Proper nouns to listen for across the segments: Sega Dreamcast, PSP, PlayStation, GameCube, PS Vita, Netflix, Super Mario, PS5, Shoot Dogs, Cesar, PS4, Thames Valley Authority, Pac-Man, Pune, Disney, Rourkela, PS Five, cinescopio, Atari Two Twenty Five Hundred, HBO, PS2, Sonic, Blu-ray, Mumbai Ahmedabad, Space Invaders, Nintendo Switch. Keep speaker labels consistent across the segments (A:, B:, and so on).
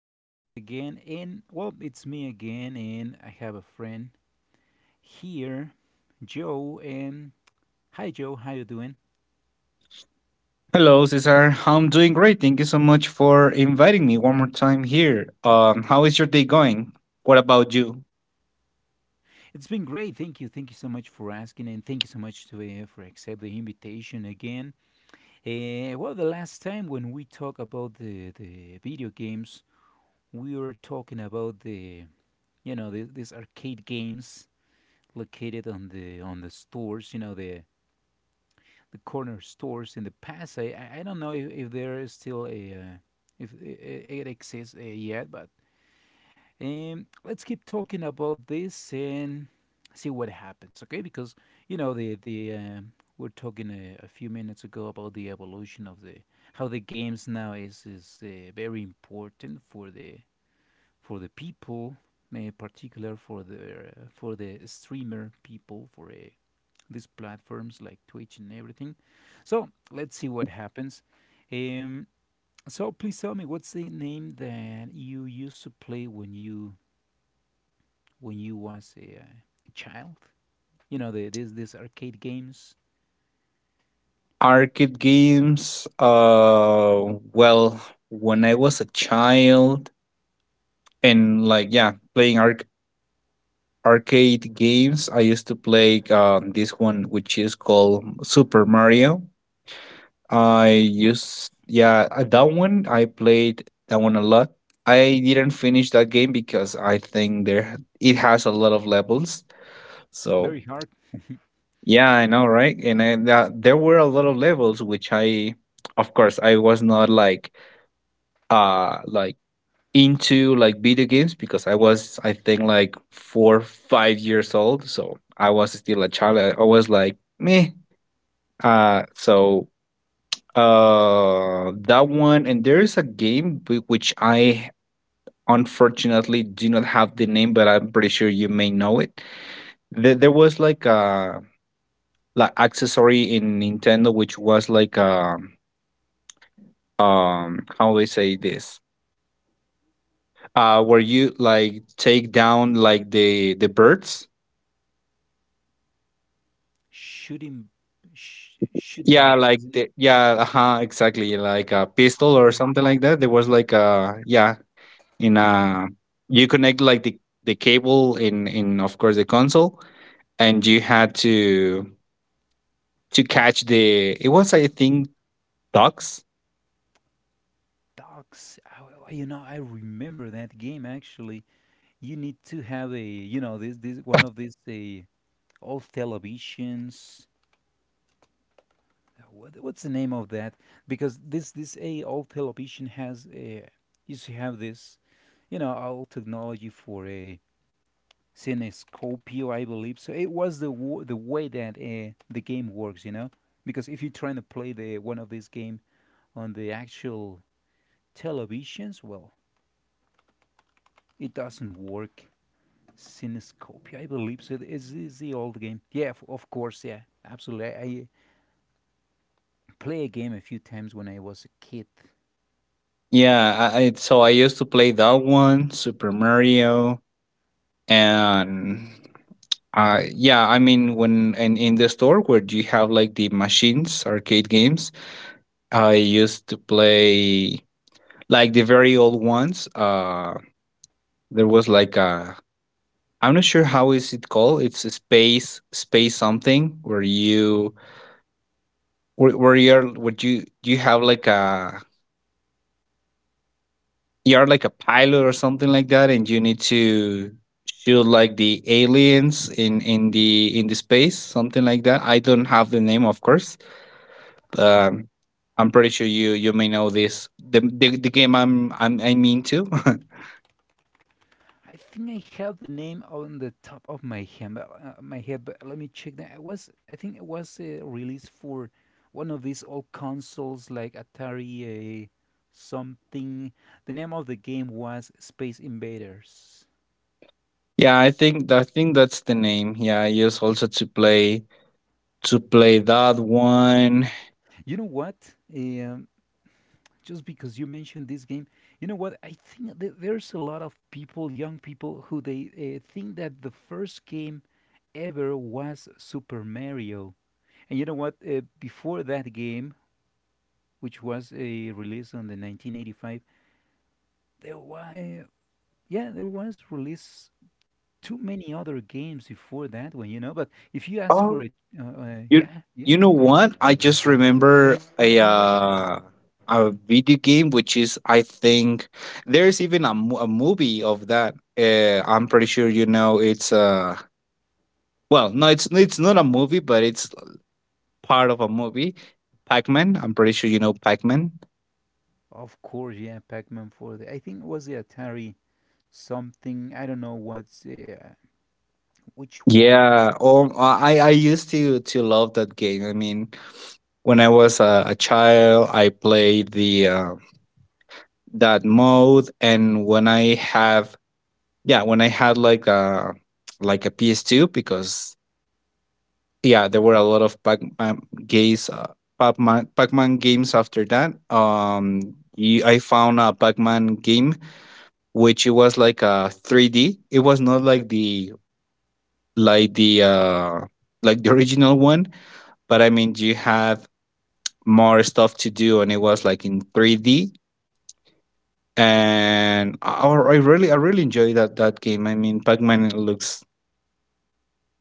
A: switching us again. And well, it's me again, and I have a friend here, Joe. And hi, Joe, how you doing?
B: Hello, Cesar. I'm doing great. Thank you so much for inviting me one more time here. How is your day going? What about you?
A: It's been great. Thank you so much for asking, and thank you so much to for accept the invitation again. Well, the last time when we talk about the video games, we were talking about the these arcade games located on the stores. You know the corner stores in the past. I don't know if there is still a if it exists yet, but let's keep talking about this and see what happens, okay? Because you know the we're talking a few minutes ago about the evolution of the how the games now is very important for the people, in particular for the streamer people, for these platforms like Twitch and everything. So let's see what happens. Um, so please tell me what's the name that you used to play when you was a child? You know the these arcade games.
B: Arcade games. Well, when I was a child and yeah, playing arcade games, I used to play this one, which is called Super Mario. I
A: Oh,
B: used, yeah, that one. I played that one a lot. I didn't finish that game because I think there it has a lot of levels. So
A: very hard
B: yeah, I know, right? There were a lot of levels, which I, of course, I was not like into like video games because I was I think like 4 5 years old, so I was still a child. I was like meh. Uh, so that one. And there is a game which I unfortunately do not have the name, but I'm pretty sure you may know it. There was like a like accessory in Nintendo, which was like how do I say this? Where you like take down like the birds.
A: shooting shoot
B: Yeah,
A: dogs, isn't it?
B: uh-huh, exactly, like a pistol or
A: Oh,
B: something like that. There was like a yeah, in a, you connect like the cable in, of course, the console, and you had to catch the, it was I think ducks.
A: dogs. Oh, oh, you know, I remember that game actually. You need to have a, you know, this one of these old televisions, what, what's the name of that? Because this a old television has a used to have this, you know, old technology for a cinescopio, I believe. So it was the way that the game works, you know, because if you're trying to play the one of these game on the actual televisions, well, it doesn't work. Cinescopia, I believe. So it's the old game. Yeah, of course. Yeah, absolutely. I play a game a few times when I was a kid.
B: Yeah, so I used to play that one, Super Mario. And yeah, I mean when and in the store where you have like the machines arcade games, I used to play like the very old ones. Uh, there was like a, I'm not sure how is it called. It's a space something where where you're, what you have like a, you're like a pilot or something like that, and you need to shoot like the aliens in the space, something like that. I don't have the name, of course. Um, I'm pretty sure you may know the game I'm I'm into.
A: I think I have the name on the top of my hand, but, my head, but let me check that. It was, I think it was released for one of these old consoles like Atari something. The name of the game was Space Invaders.
B: Yeah, I think that's the name. Yeah, I use also to play that one.
A: You know what? Just because you mentioned this game, you know what? I think that there's a lot of people, young people, who they think that the first game ever was Super Mario. And you know what? Before that game, which was a release on the 1985. There were, yeah, there was release too many other games before that one, you know. But if you ask for it,
B: You
A: yeah, yeah,
B: you know what? I just remember a video game, which is, I think, there's even a, a movie of that. I'm pretty sure you know it's uh, well, no, it's not a movie, but it's part of a movie. Pac-Man. I'm pretty sure you know Pac-Man.
A: of course, yeah, Pac-Man for the. I think it was the Atari something. I don't know what's which one.
B: Yeah. Oh, I used to love that game. I mean, when I was a child, I played the that mode, and when I have, yeah, when I had like a PS2 because yeah, there were a lot of Pac-Man games, Pac-Man games after that. I found a Pac-Man game, which it was like a 3D. It was not like like the uh the original one, but I mean you had more stuff to do and it was like in 3D, and I really enjoyed that game. I mean, Pac-Man looks,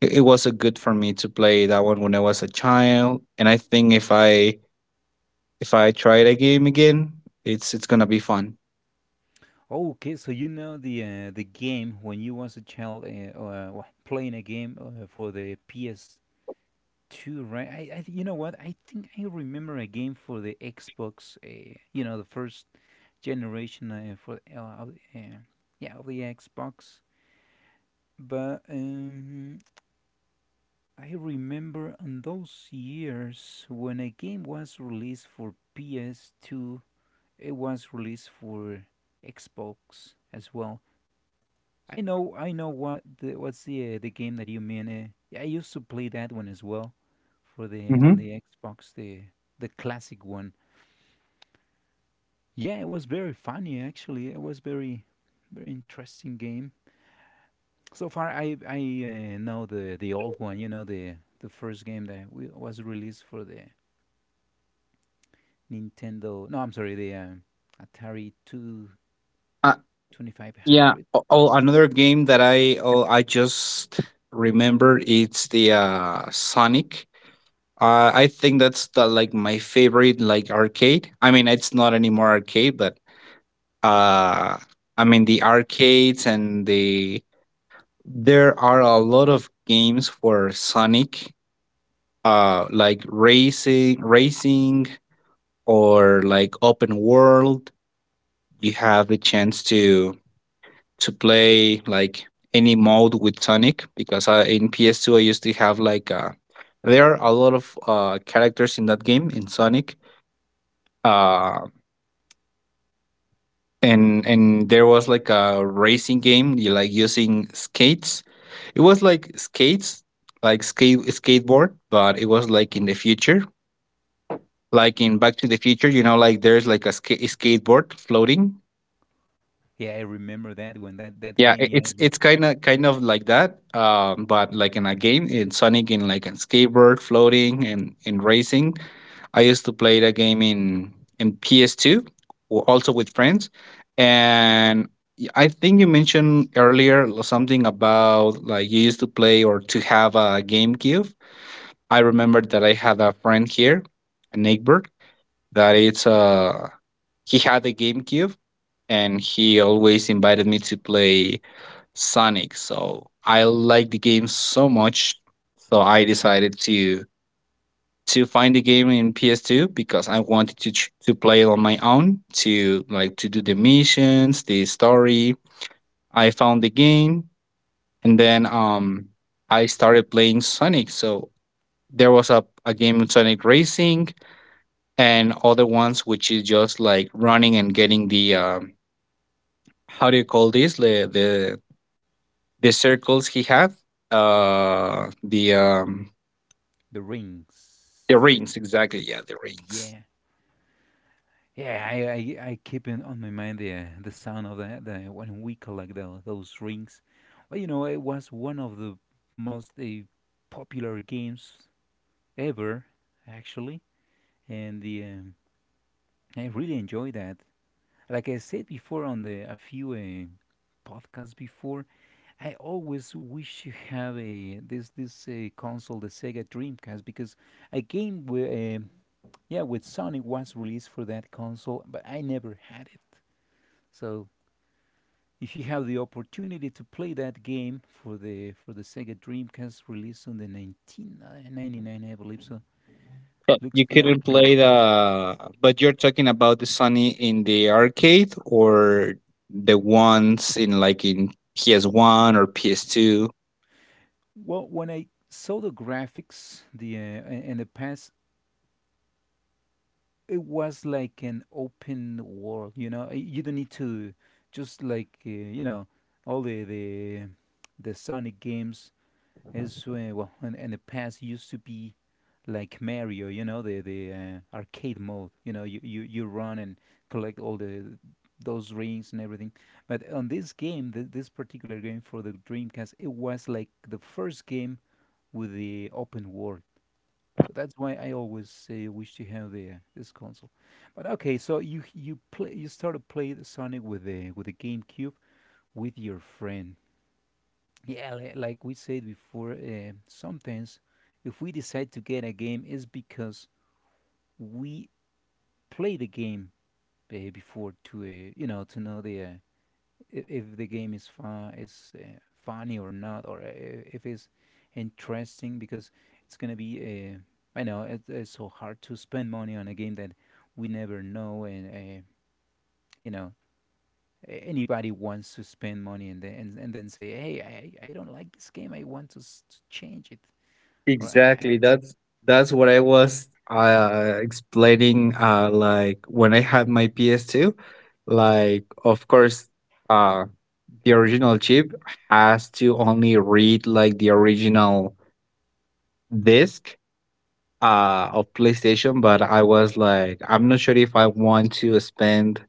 B: it was a good for me to play that one when I was a child. And I think if I try that game again, it's gonna be fun.
A: Okay, so you know the game when you was a child playing a game for the PS Two, right? You know what? I think I remember a game for the Xbox. You know, the first generation yeah of the Xbox. But I remember on those years when a game was released for PS2, it was released for Xbox as well. I know what the, what's the game that you mean. Yeah, I used to play that one as well, for the
B: Hmm.
A: on the Xbox, the classic one. Yeah, it was very funny actually. It was very, very interesting game. So far, I know the old one. You know the first game that was released for the Nintendo. No, I'm sorry, the Atari Two
B: Uh,
A: Twenty Five
B: yeah.
A: Hundred.
B: Oh, Another game that I just remember, it's the Sonic. I think that's the like my favorite like arcade. I mean, it's not anymore arcade, but uh, I mean the arcades and the, there are a lot of games for Sonic, racing or like open world. You have the chance to play like any mode with Sonic because in PS2 I used to have like uh, there are a lot of characters in that game, in Sonic. Uh, and there was like a racing game, you like using skates. It was like skates, like skateboard, but it was like in the future, like in Back to the Future, you know, like there's like a, skateboard floating.
A: Yeah, I remember that one. That that
B: Yeah,
A: game, yeah, as well.
B: it's kind of like that. Um, but like in a game in Sonic, in like a skateboard floating and in racing. I used to play the game in PS2, also with friends. And I think you mentioned earlier something about like you used to play or to have a GameCube. I remember that I had a friend here, a neighbor, that it's uh, he had a GameCube and he always invited me to play Sonic. So I liked the game so much, so I decided to find the game in PS2 because I wanted to to play it on my own, to like to do the missions, the story. I found the game and then um, I started playing Sonic. So there was a game in Sonic Racing, and other ones which is just like running and getting the how do you call this, the circles he had, uh the um
A: The
B: the
A: Rings.
B: rings, exactly. Yeah, the rings.
A: Yeah. Yeah, I keep in on my mind the sound of the when we collect the, those rings. But you know, it was one of the most popular games ever, actually, and the I really enjoy that. Like I said before on the a few podcasts before, I always wish to have a this console, the Sega Dreamcast, because a game with yeah with Sonic was released for that console, but I never had it. So if you have the opportunity to play that game for the Sega Dreamcast release on the 1999, I believe so,
B: But
A: looks
B: you
A: like
B: couldn't
A: in,
B: play the, but you're talking about the Sunny in the arcade or the ones in like in PS1 or PS2?
A: well, when I saw the graphics, the and the past, it was like an open world. You know, you don't need to just like you know all the the Sonic games is well in the past used to be like Mario, you know, the arcade mode. You know, you you run and collect all the those rings and everything. But on this game, this particular game for the Dreamcast, it was like the first game with the open world. So that's why I always wish to have the this console. But okay, so you play you started play the Sonic with the GameCube with your friend. Yeah, like we said before, sometimes if we decide to get a game, it's because we play the game before to you know to know the if the game is fun is funny or not, or if it's interesting. Because it's gonna be I know it's so hard to spend money on a game that we never know, and you know anybody wants to spend money and then and then say, hey, I don't like this game. I want to, to change it. Or
B: Exactly. That's what I was explaining, like when I had my PS2, like of course uh the original chip has to only read like the original disc of PlayStation. But I was like I'm not sure if I want to spend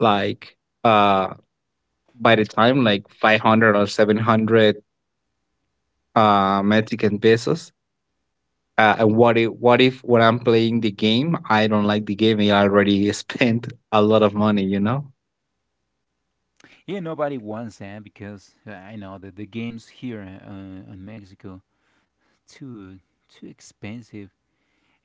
B: like uh, by the time, like 500 or 700 Mexican pesos. And what if when I'm playing the game, I don't like the game? I already spent a lot of money, you know.
A: yeah, nobody wants that because I know that the games here in Mexico too too expensive,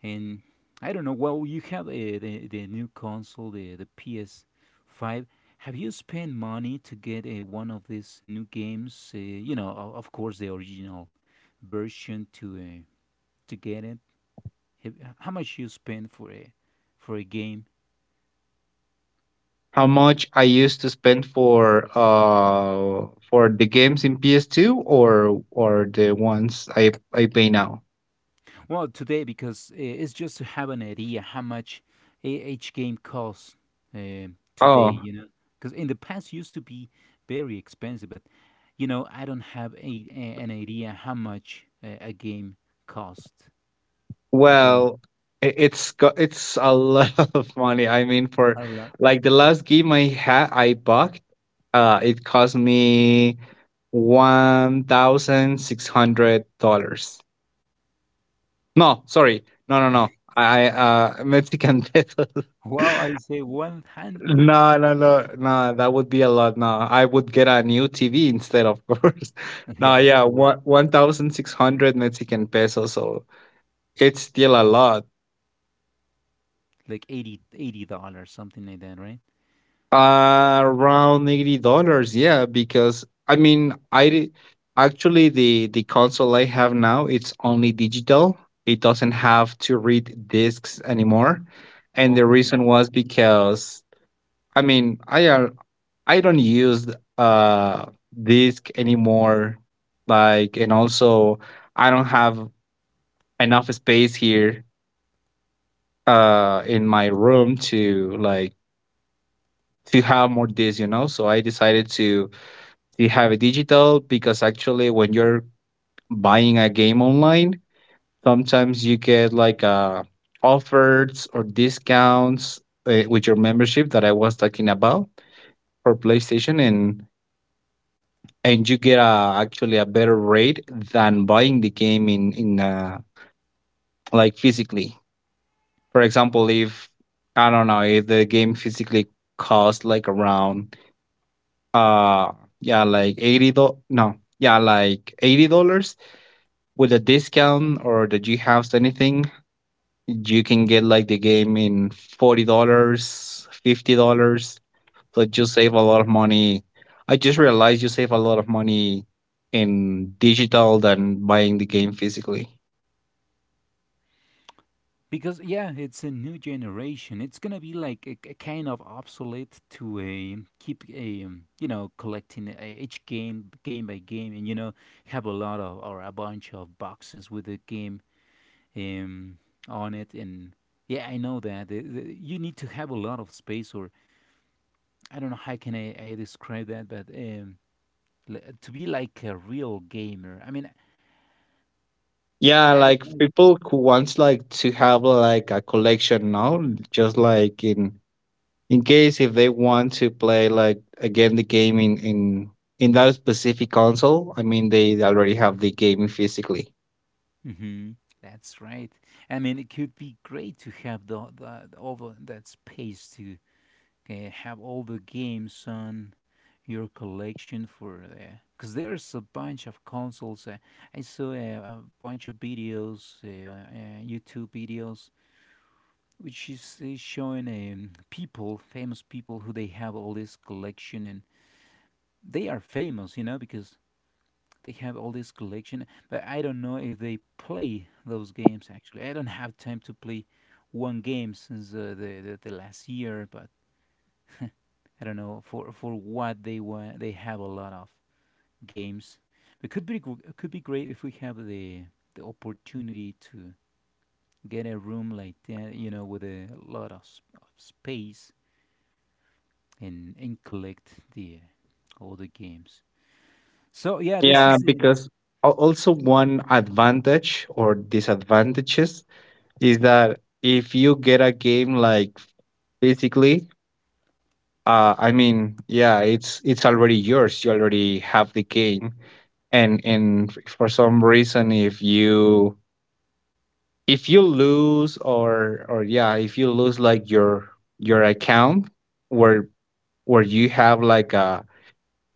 A: and I don't know. Well, you have the new console, the PS Five. Have you spent money to get one of these new games? You know, of course, the original version to get it. Have, how much you spend for a game?
B: How much I used to spend for the games in PS2, or the ones I pay now?
A: Well, today because it's just to have an idea how much each game costs uh, today,
B: Oh,
A: you know. Because in the past used to be very expensive, but you know I don't have an idea how much a game costs today.
B: well, it's it's a lot of money. I mean, for
A: A lot.
B: like the last game I had, I bought. It cost me $1,600. No, sorry. No, no, no. I Mexican pesos.
A: Well, I say 100.
B: No, no, no, no. That would be a lot. No, I would get a new TV instead, of course.
A: Yeah,
B: No,
A: of
B: yeah,
A: course,
B: one thousand six hundred Mexican pesos. So it's still a lot.
A: like $80, something like that, right?
B: Around $80. Yeah, because I mean, actually the console I have now, it's only digital. It doesn't have to read discs anymore, and the
A: Okay.
B: reason was because I mean, I don't use uh disk anymore. Like, and also I don't have enough space here in my room to to have more disks, you know. So I decided to have a digital, because actually when you're buying a game online, sometimes you get like offers or discounts with your membership that I was talking about, for PlayStation. And you get a actually a better rate than buying the game in like physically. For example, if I don't know if the game physically costs like around uh, yeah like eighty do- no yeah like $80, with a discount or the G House anything, you can get like the game in $40, $50. Like you save a lot of money. I just realized you save a lot of money in digital than buying the game physically.
A: Because yeah, it's a new generation. It's gonna be like a kind of obsolete to a keep a you know collecting each game game by game, and you know have a lot of or a bunch of boxes with the game um on it. And yeah, I know that you need to have a lot of space, or I don't know how can I describe that, but to be like a real gamer. I mean,
B: Yeah,
A: I don't
B: like
A: know.
B: people who wants like to have like a collection now, just like in case if they want to play like again the game in that specific console. I mean, they already have the game physically.
A: Mm-hmm. That's right. I mean, it could be great to have the all the, that space to have all the games on your collection for the. Because there's a bunch of consoles. I saw a bunch of videos, YouTube videos, which is showing people, famous people, who they have all this collection, and they are famous, you know, because they have all this collection, but I don't know if they play those games actually. I don't have time to play one game since the last year, but I don't know for what they want. They have a lot of games. It could be could be great if we have the opportunity to get a room like that, you know, with a lot of, of space and collect the all the games. So yeah, this
B: Yeah,
A: is the.
B: because also one advantage or disadvantages is that if you get a game like physically, I mean, yeah, it's already yours. You already have the game. And for some reason, if you lose or yeah, if you lose like your account, where you have like a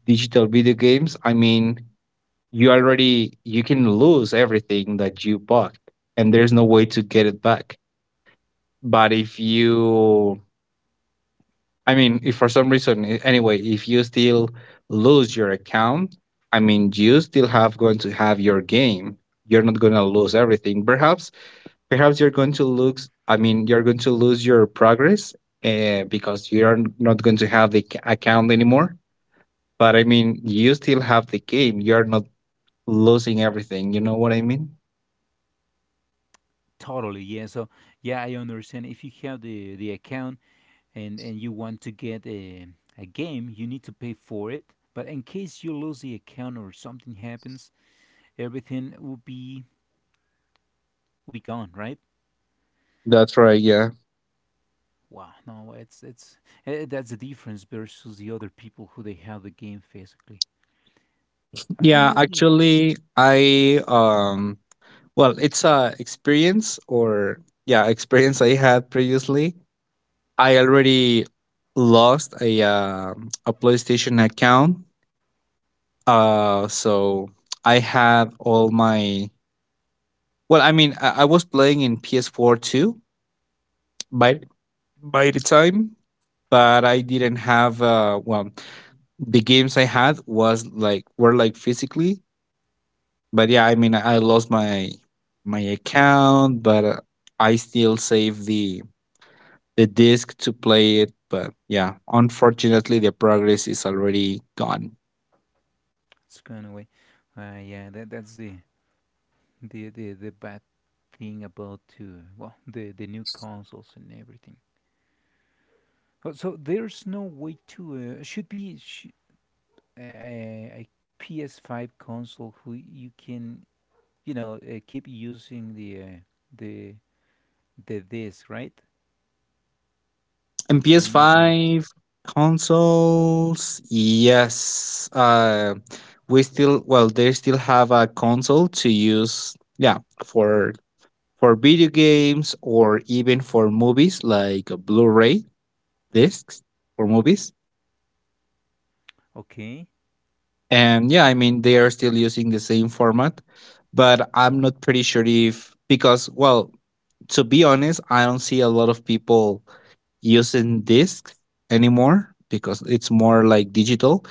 B: digital video games, I mean, you can lose everything that you bought, and there's no way to get it back. But if you, I mean, if for some reason, anyway, if you still lose your account, I mean, you still have going to have your game. You're not going to lose everything. Perhaps, perhaps you're going to lose. I mean, you're going to lose your progress because you're not going to have the account anymore. But I mean, you still have the game. You're not losing everything. You know what I mean?
A: Totally, yeah. So yeah, I understand. If you have the account and you want to get a game, you need to pay for it. But in case you lose the account or something happens, everything will be gone, right?
B: That's right. Yeah.
A: Wow, no, it's eh, that's the difference versus the other people who they have the game physically. I
B: Yeah.
A: know the
B: Actually, I um, well, it's a experience or yeah, experience I had previously. I already lost a PlayStation account. Uh so I had all my well, I mean, I was playing in PS4 too by by the time, but I didn't have well, the games I had was like were like physically, but yeah, I mean, I lost my my account, but I still save the disc to play it, but yeah, unfortunately, the progress is already gone.
A: it's gone away. Yeah, that that's the the bad thing about well the new consoles and everything. Oh, so there's no way to a PS5 console who you can you know keep using the the disc right
B: And
A: or not anymore.
B: PS5 consoles, yes, we still well, they still have a console to use, yeah, for video games or even for movies like a Blu-ray discs for movies.
A: Okay,
B: And yeah, I mean, they are still using the same format, but I'm not pretty sure if, because, well, to be honest, I don't see a lot of people using discs anymore because it's more like digital.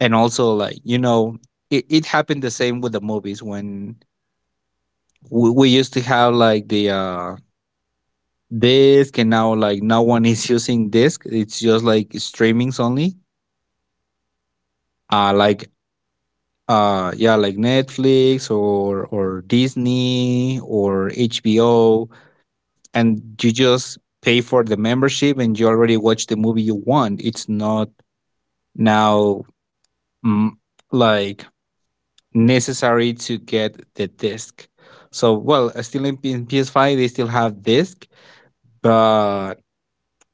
B: And also, like, it, it happened the same with the movies when we used to have like the disc, and now, like, no one is using disc. It's just like streamings only. Uh, like yeah, like Netflix or Disney or HBO, and you just pay for the membership and you already watch the movie you want. It's not now mm, like necessary to get the disc. So well, still in in PS5 they still have disc, but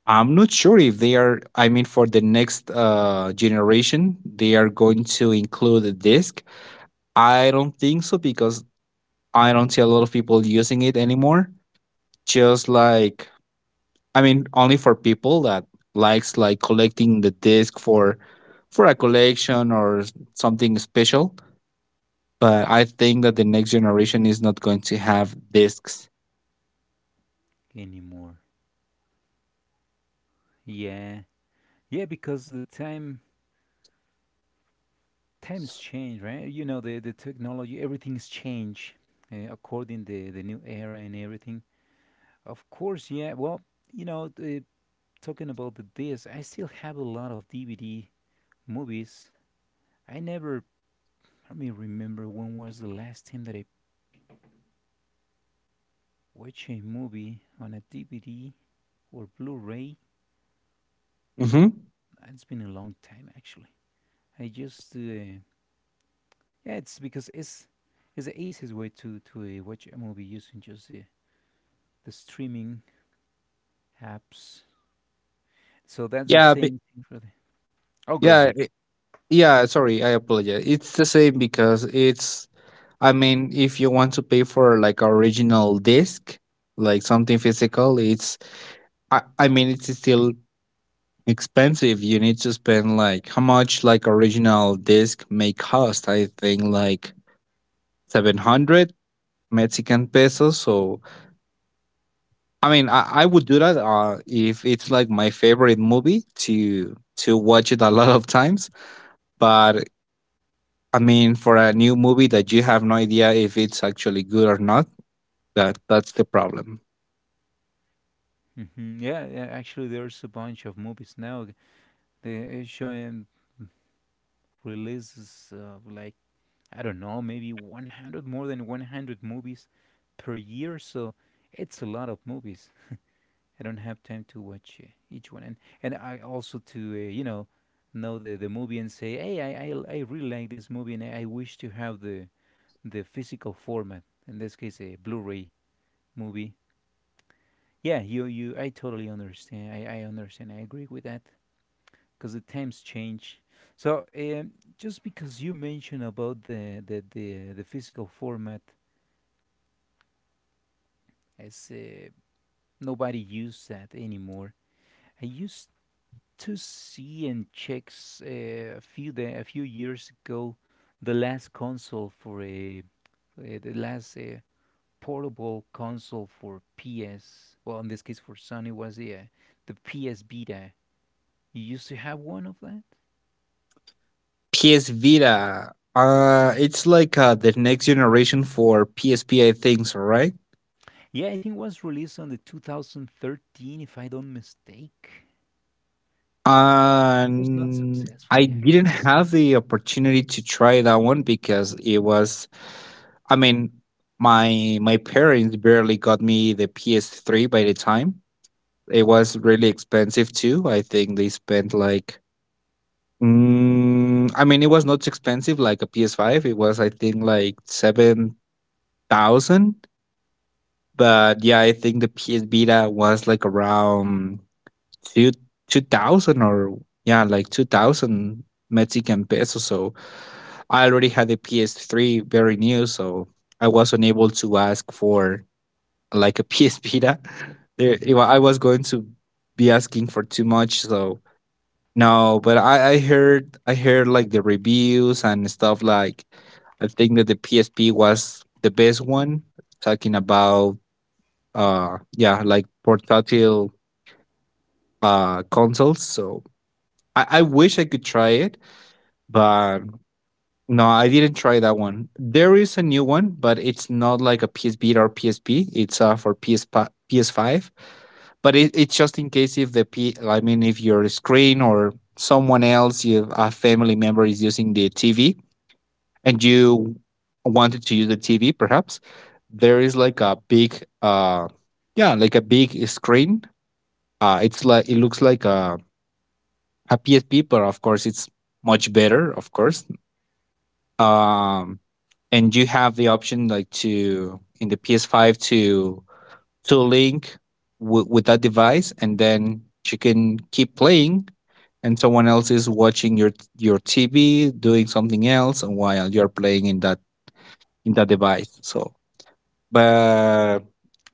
B: I'm not sure if they are. I mean, for the next generation, they are going to include a disc. I don't think so, because I don't see a lot of people using it anymore. Just like, I mean, only for people that likes like collecting the disc for a collection or something special. But I think that the next generation is not going to have discs.
A: anymore. Yeah, yeah, because the time times change, right? You know the technology, everything's changed according the new era and everything. Of course, yeah. Well, you know, the, talking about the disc, I still have a lot of DVD movies. I never, I mean, Remember when was the last time that I watched a movie on a DVD or Blu-ray?
B: Hmm.
A: It's been a long time actually. I just, uh, yeah, it's the easiest way to watch a movie using just the streaming apps. So that's the
B: Yeah, be-
A: same thing for the. Oh, go
B: yeah,
A: ahead.
B: i- yeah. Sorry, I apologize. It's the same because it's, I mean, if you want to pay for like original disc, like something physical, it's, I mean, it's still expensive. You need to spend like, how much like original disc may cost? I think like 700 Mexican pesos. So I mean, I would do that if it's like my favorite movie to watch it a lot of times. But I mean, for a new movie that you have no idea if it's actually good or not, that's the problem.
A: Yeah, yeah, actually, there's a bunch of movies now. The Showing releases like I don't know, maybe 100, more than 100 movies per year. So it's a lot of movies. I don't have time to watch each one. And I also to, know the movie and say, hey, I really like this movie, and I wish to have the physical format. In this case, a Blu-ray movie. Yeah, I totally understand. I understand. I agree with that because the times change. So just because you mentioned about the physical format, as nobody used that anymore. I used to see and check a few da a few years ago the last console for a the last portable console for PS. Well, in this case for Sony was the PS Vita. You used to have one of that?
B: PS Vita, it's like the next generation for PSP, I think so, right?
A: Yeah, I think it was released on the 2013, if I don't mistake. It was not
B: And I
A: successfully actually.
B: didn't have the opportunity to try that one because it was, I mean, my parents barely got me the PS3 by the time. It was really expensive too. I think they spent like, mm, I mean, it was not expensive like a PS5. It was, I think, like 7,000. But yeah, I think the PS Vita was like around Two 2000, or yeah, like 2000 Mexican pesos. So I already had a PS3 very new, so I was unable to ask for like a PS Vita.
A: Mhm.
B: I was going to be asking for too much, so no, but I heard like the reviews and stuff like, I think that the PSP was the best one, talking about yeah, like portable consoles. So I wish I could try it, but no, I didn't try that one. There is a new one, but it's not like a PS Vita or PSP. It's for PS PS5. But it's just in case if I mean, if your screen, or someone else, you, a family member is using the TV and you wanted to use the TV, perhaps there is like a big, yeah, like a big screen. It's like it looks like a PSP, but of course it's much better, of course, um and you have the option like to in the PS5 to link with that device, and then you can keep playing and someone else is watching your TV doing something else, and while you're playing in that device. So but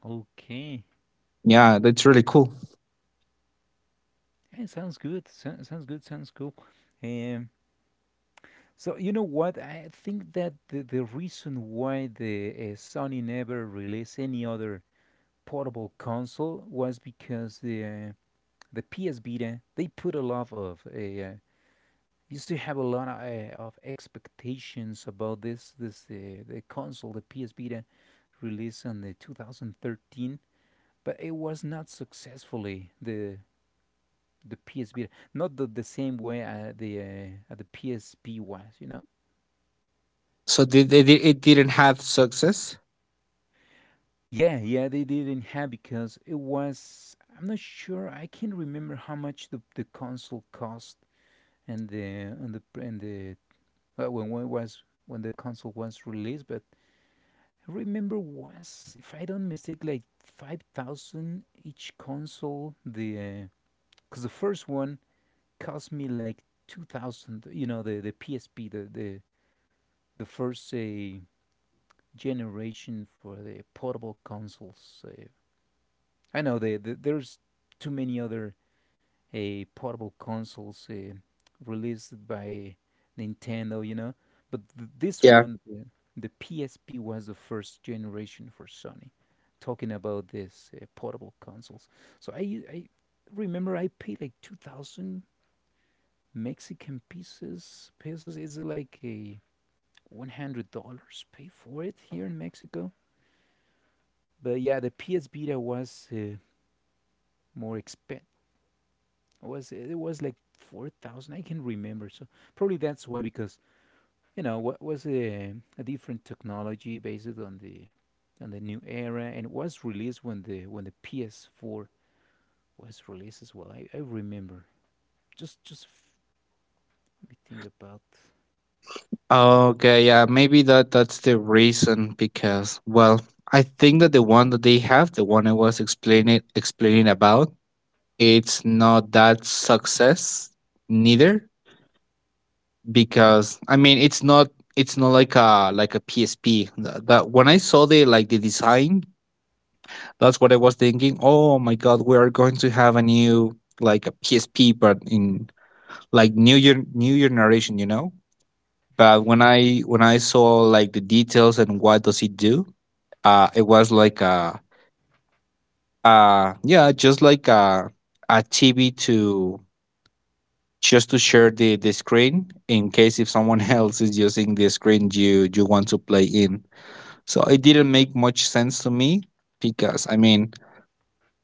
A: Okay.
B: yeah, that's really cool.
A: Yeah, sounds good. So, sounds good. Sounds cool. Um, so you know what? I think that the reason why the Sony never released any other portable console was because the PS Vita, they put a lot of used to have a lot of expectations about this this the console, the PS Vita released in the 2013, but it was not successfully the PSP, not the same way the PSP was, you know.
B: So it didn't have success?
A: Yeah, yeah, they didn't have because it was. I'm not sure. I can't remember how much the console cost and the and the when it was when the console was released, but I remember was, if I don't mistake, like 5,000 each console. The because the first one cost me like 2,000. You know the PSP, the first generation for the portable consoles. I know there's too many other portable consoles released by Nintendo, you know, but this
B: Yeah.
A: one, the PSP, was the first generation for Sony. Talking about this portable consoles, so I remember I paid like 2,000 Mexican pieces. Pesos. It's like a $100. Pay for it here in Mexico. But yeah, the PS Vita was more expen. Was, it was like 4,000? I can remember. So probably that's why because you know what, was a different technology based on the new era, and it was released when the PS4 was released as well. I remember. Just just f- Let me think about.
B: Okay, yeah, maybe that that's the reason, because well, I think that the one that they have, the one I was explaining about, it's not that success neither, because I mean it's not, it's not like a like a PSP. That, that when I saw the like the design, that's what I was thinking. Oh my god, we are going to have a new like a PSP, but in like new year narration, you know? But when I saw like the details and what does it do, it was like a yeah, just like a TV to just to share the screen in case if someone else is using the screen you you want to play in. So it didn't make much sense to me, because I mean,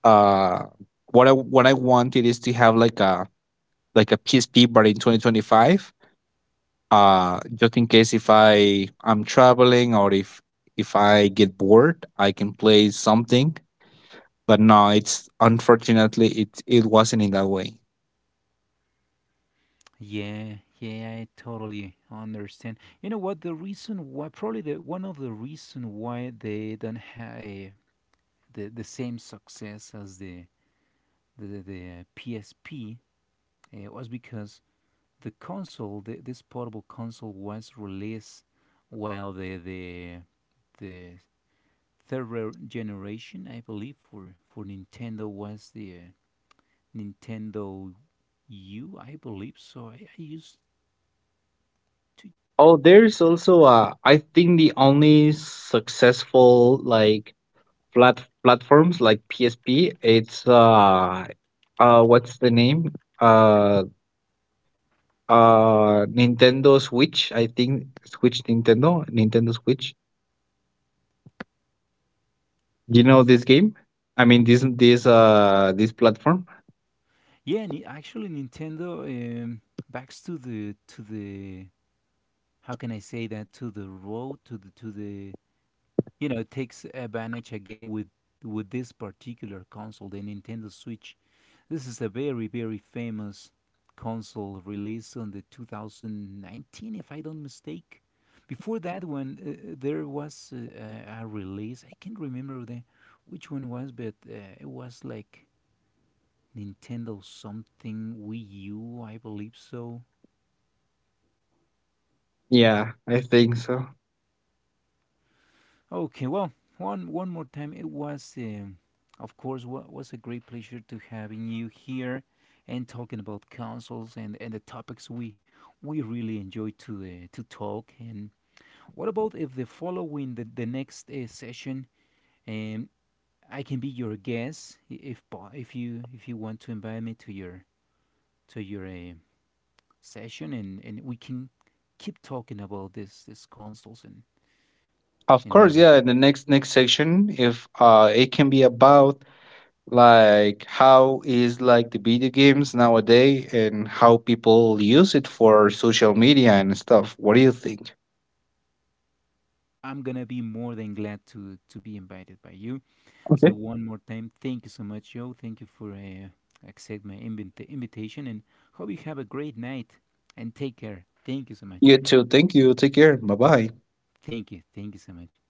B: uh what I wanted is to have like a PSP but in 2025, just in case if I'm traveling or if I get bored I can play something. But no, it's, unfortunately it it wasn't in that way.
A: Yeah, yeah, I totally understand. You know what? The reason why, probably the one of the reason why they don't have the same success as the PSP was because the console, this portable console, was released while the third generation, I believe, for Nintendo was the Nintendo U, I believe. To,
B: Oh, there's also I think the only successful like platforms like PSP. It's what's the name? Uh, Nintendo Switch, I think Nintendo Switch. You know this game? I mean this this platform?
A: yeah, actually Nintendo backs to the how can I say that, to the road to the you know, takes advantage again with this particular console, the Nintendo Switch. This is a very, very famous console released on the 2019, if I don't mistake. Before that one, there was a release, I can't remember the which one was, but it was like Nintendo something, Wii U, I believe so.
B: Yeah, I think so.
A: Okay, well, one, one more time, it was, of course, what was a great pleasure to having you here and talking about consoles and the topics we really enjoy to talk. And what about if the following the next session, um, I can be your guest, if if you, if you want to invite me to your to your uh, session, and we can keep talking about this consoles
B: Of
A: and
B: course, yeah,
A: everything.
B: in the next section, if it can be about like how is like the video games nowadays and how people use it for social media and stuff. What do you think?
A: I'm gonna be more than glad to be invited by you. So
B: Okay.
A: one more time, thank you so much, Joe. Thank you for accept my invitation, and hope you have a great night. And take care. Thank you so much.
B: You too. Thank you. Take care. Bye-bye.
A: Thank you. Thank you so much.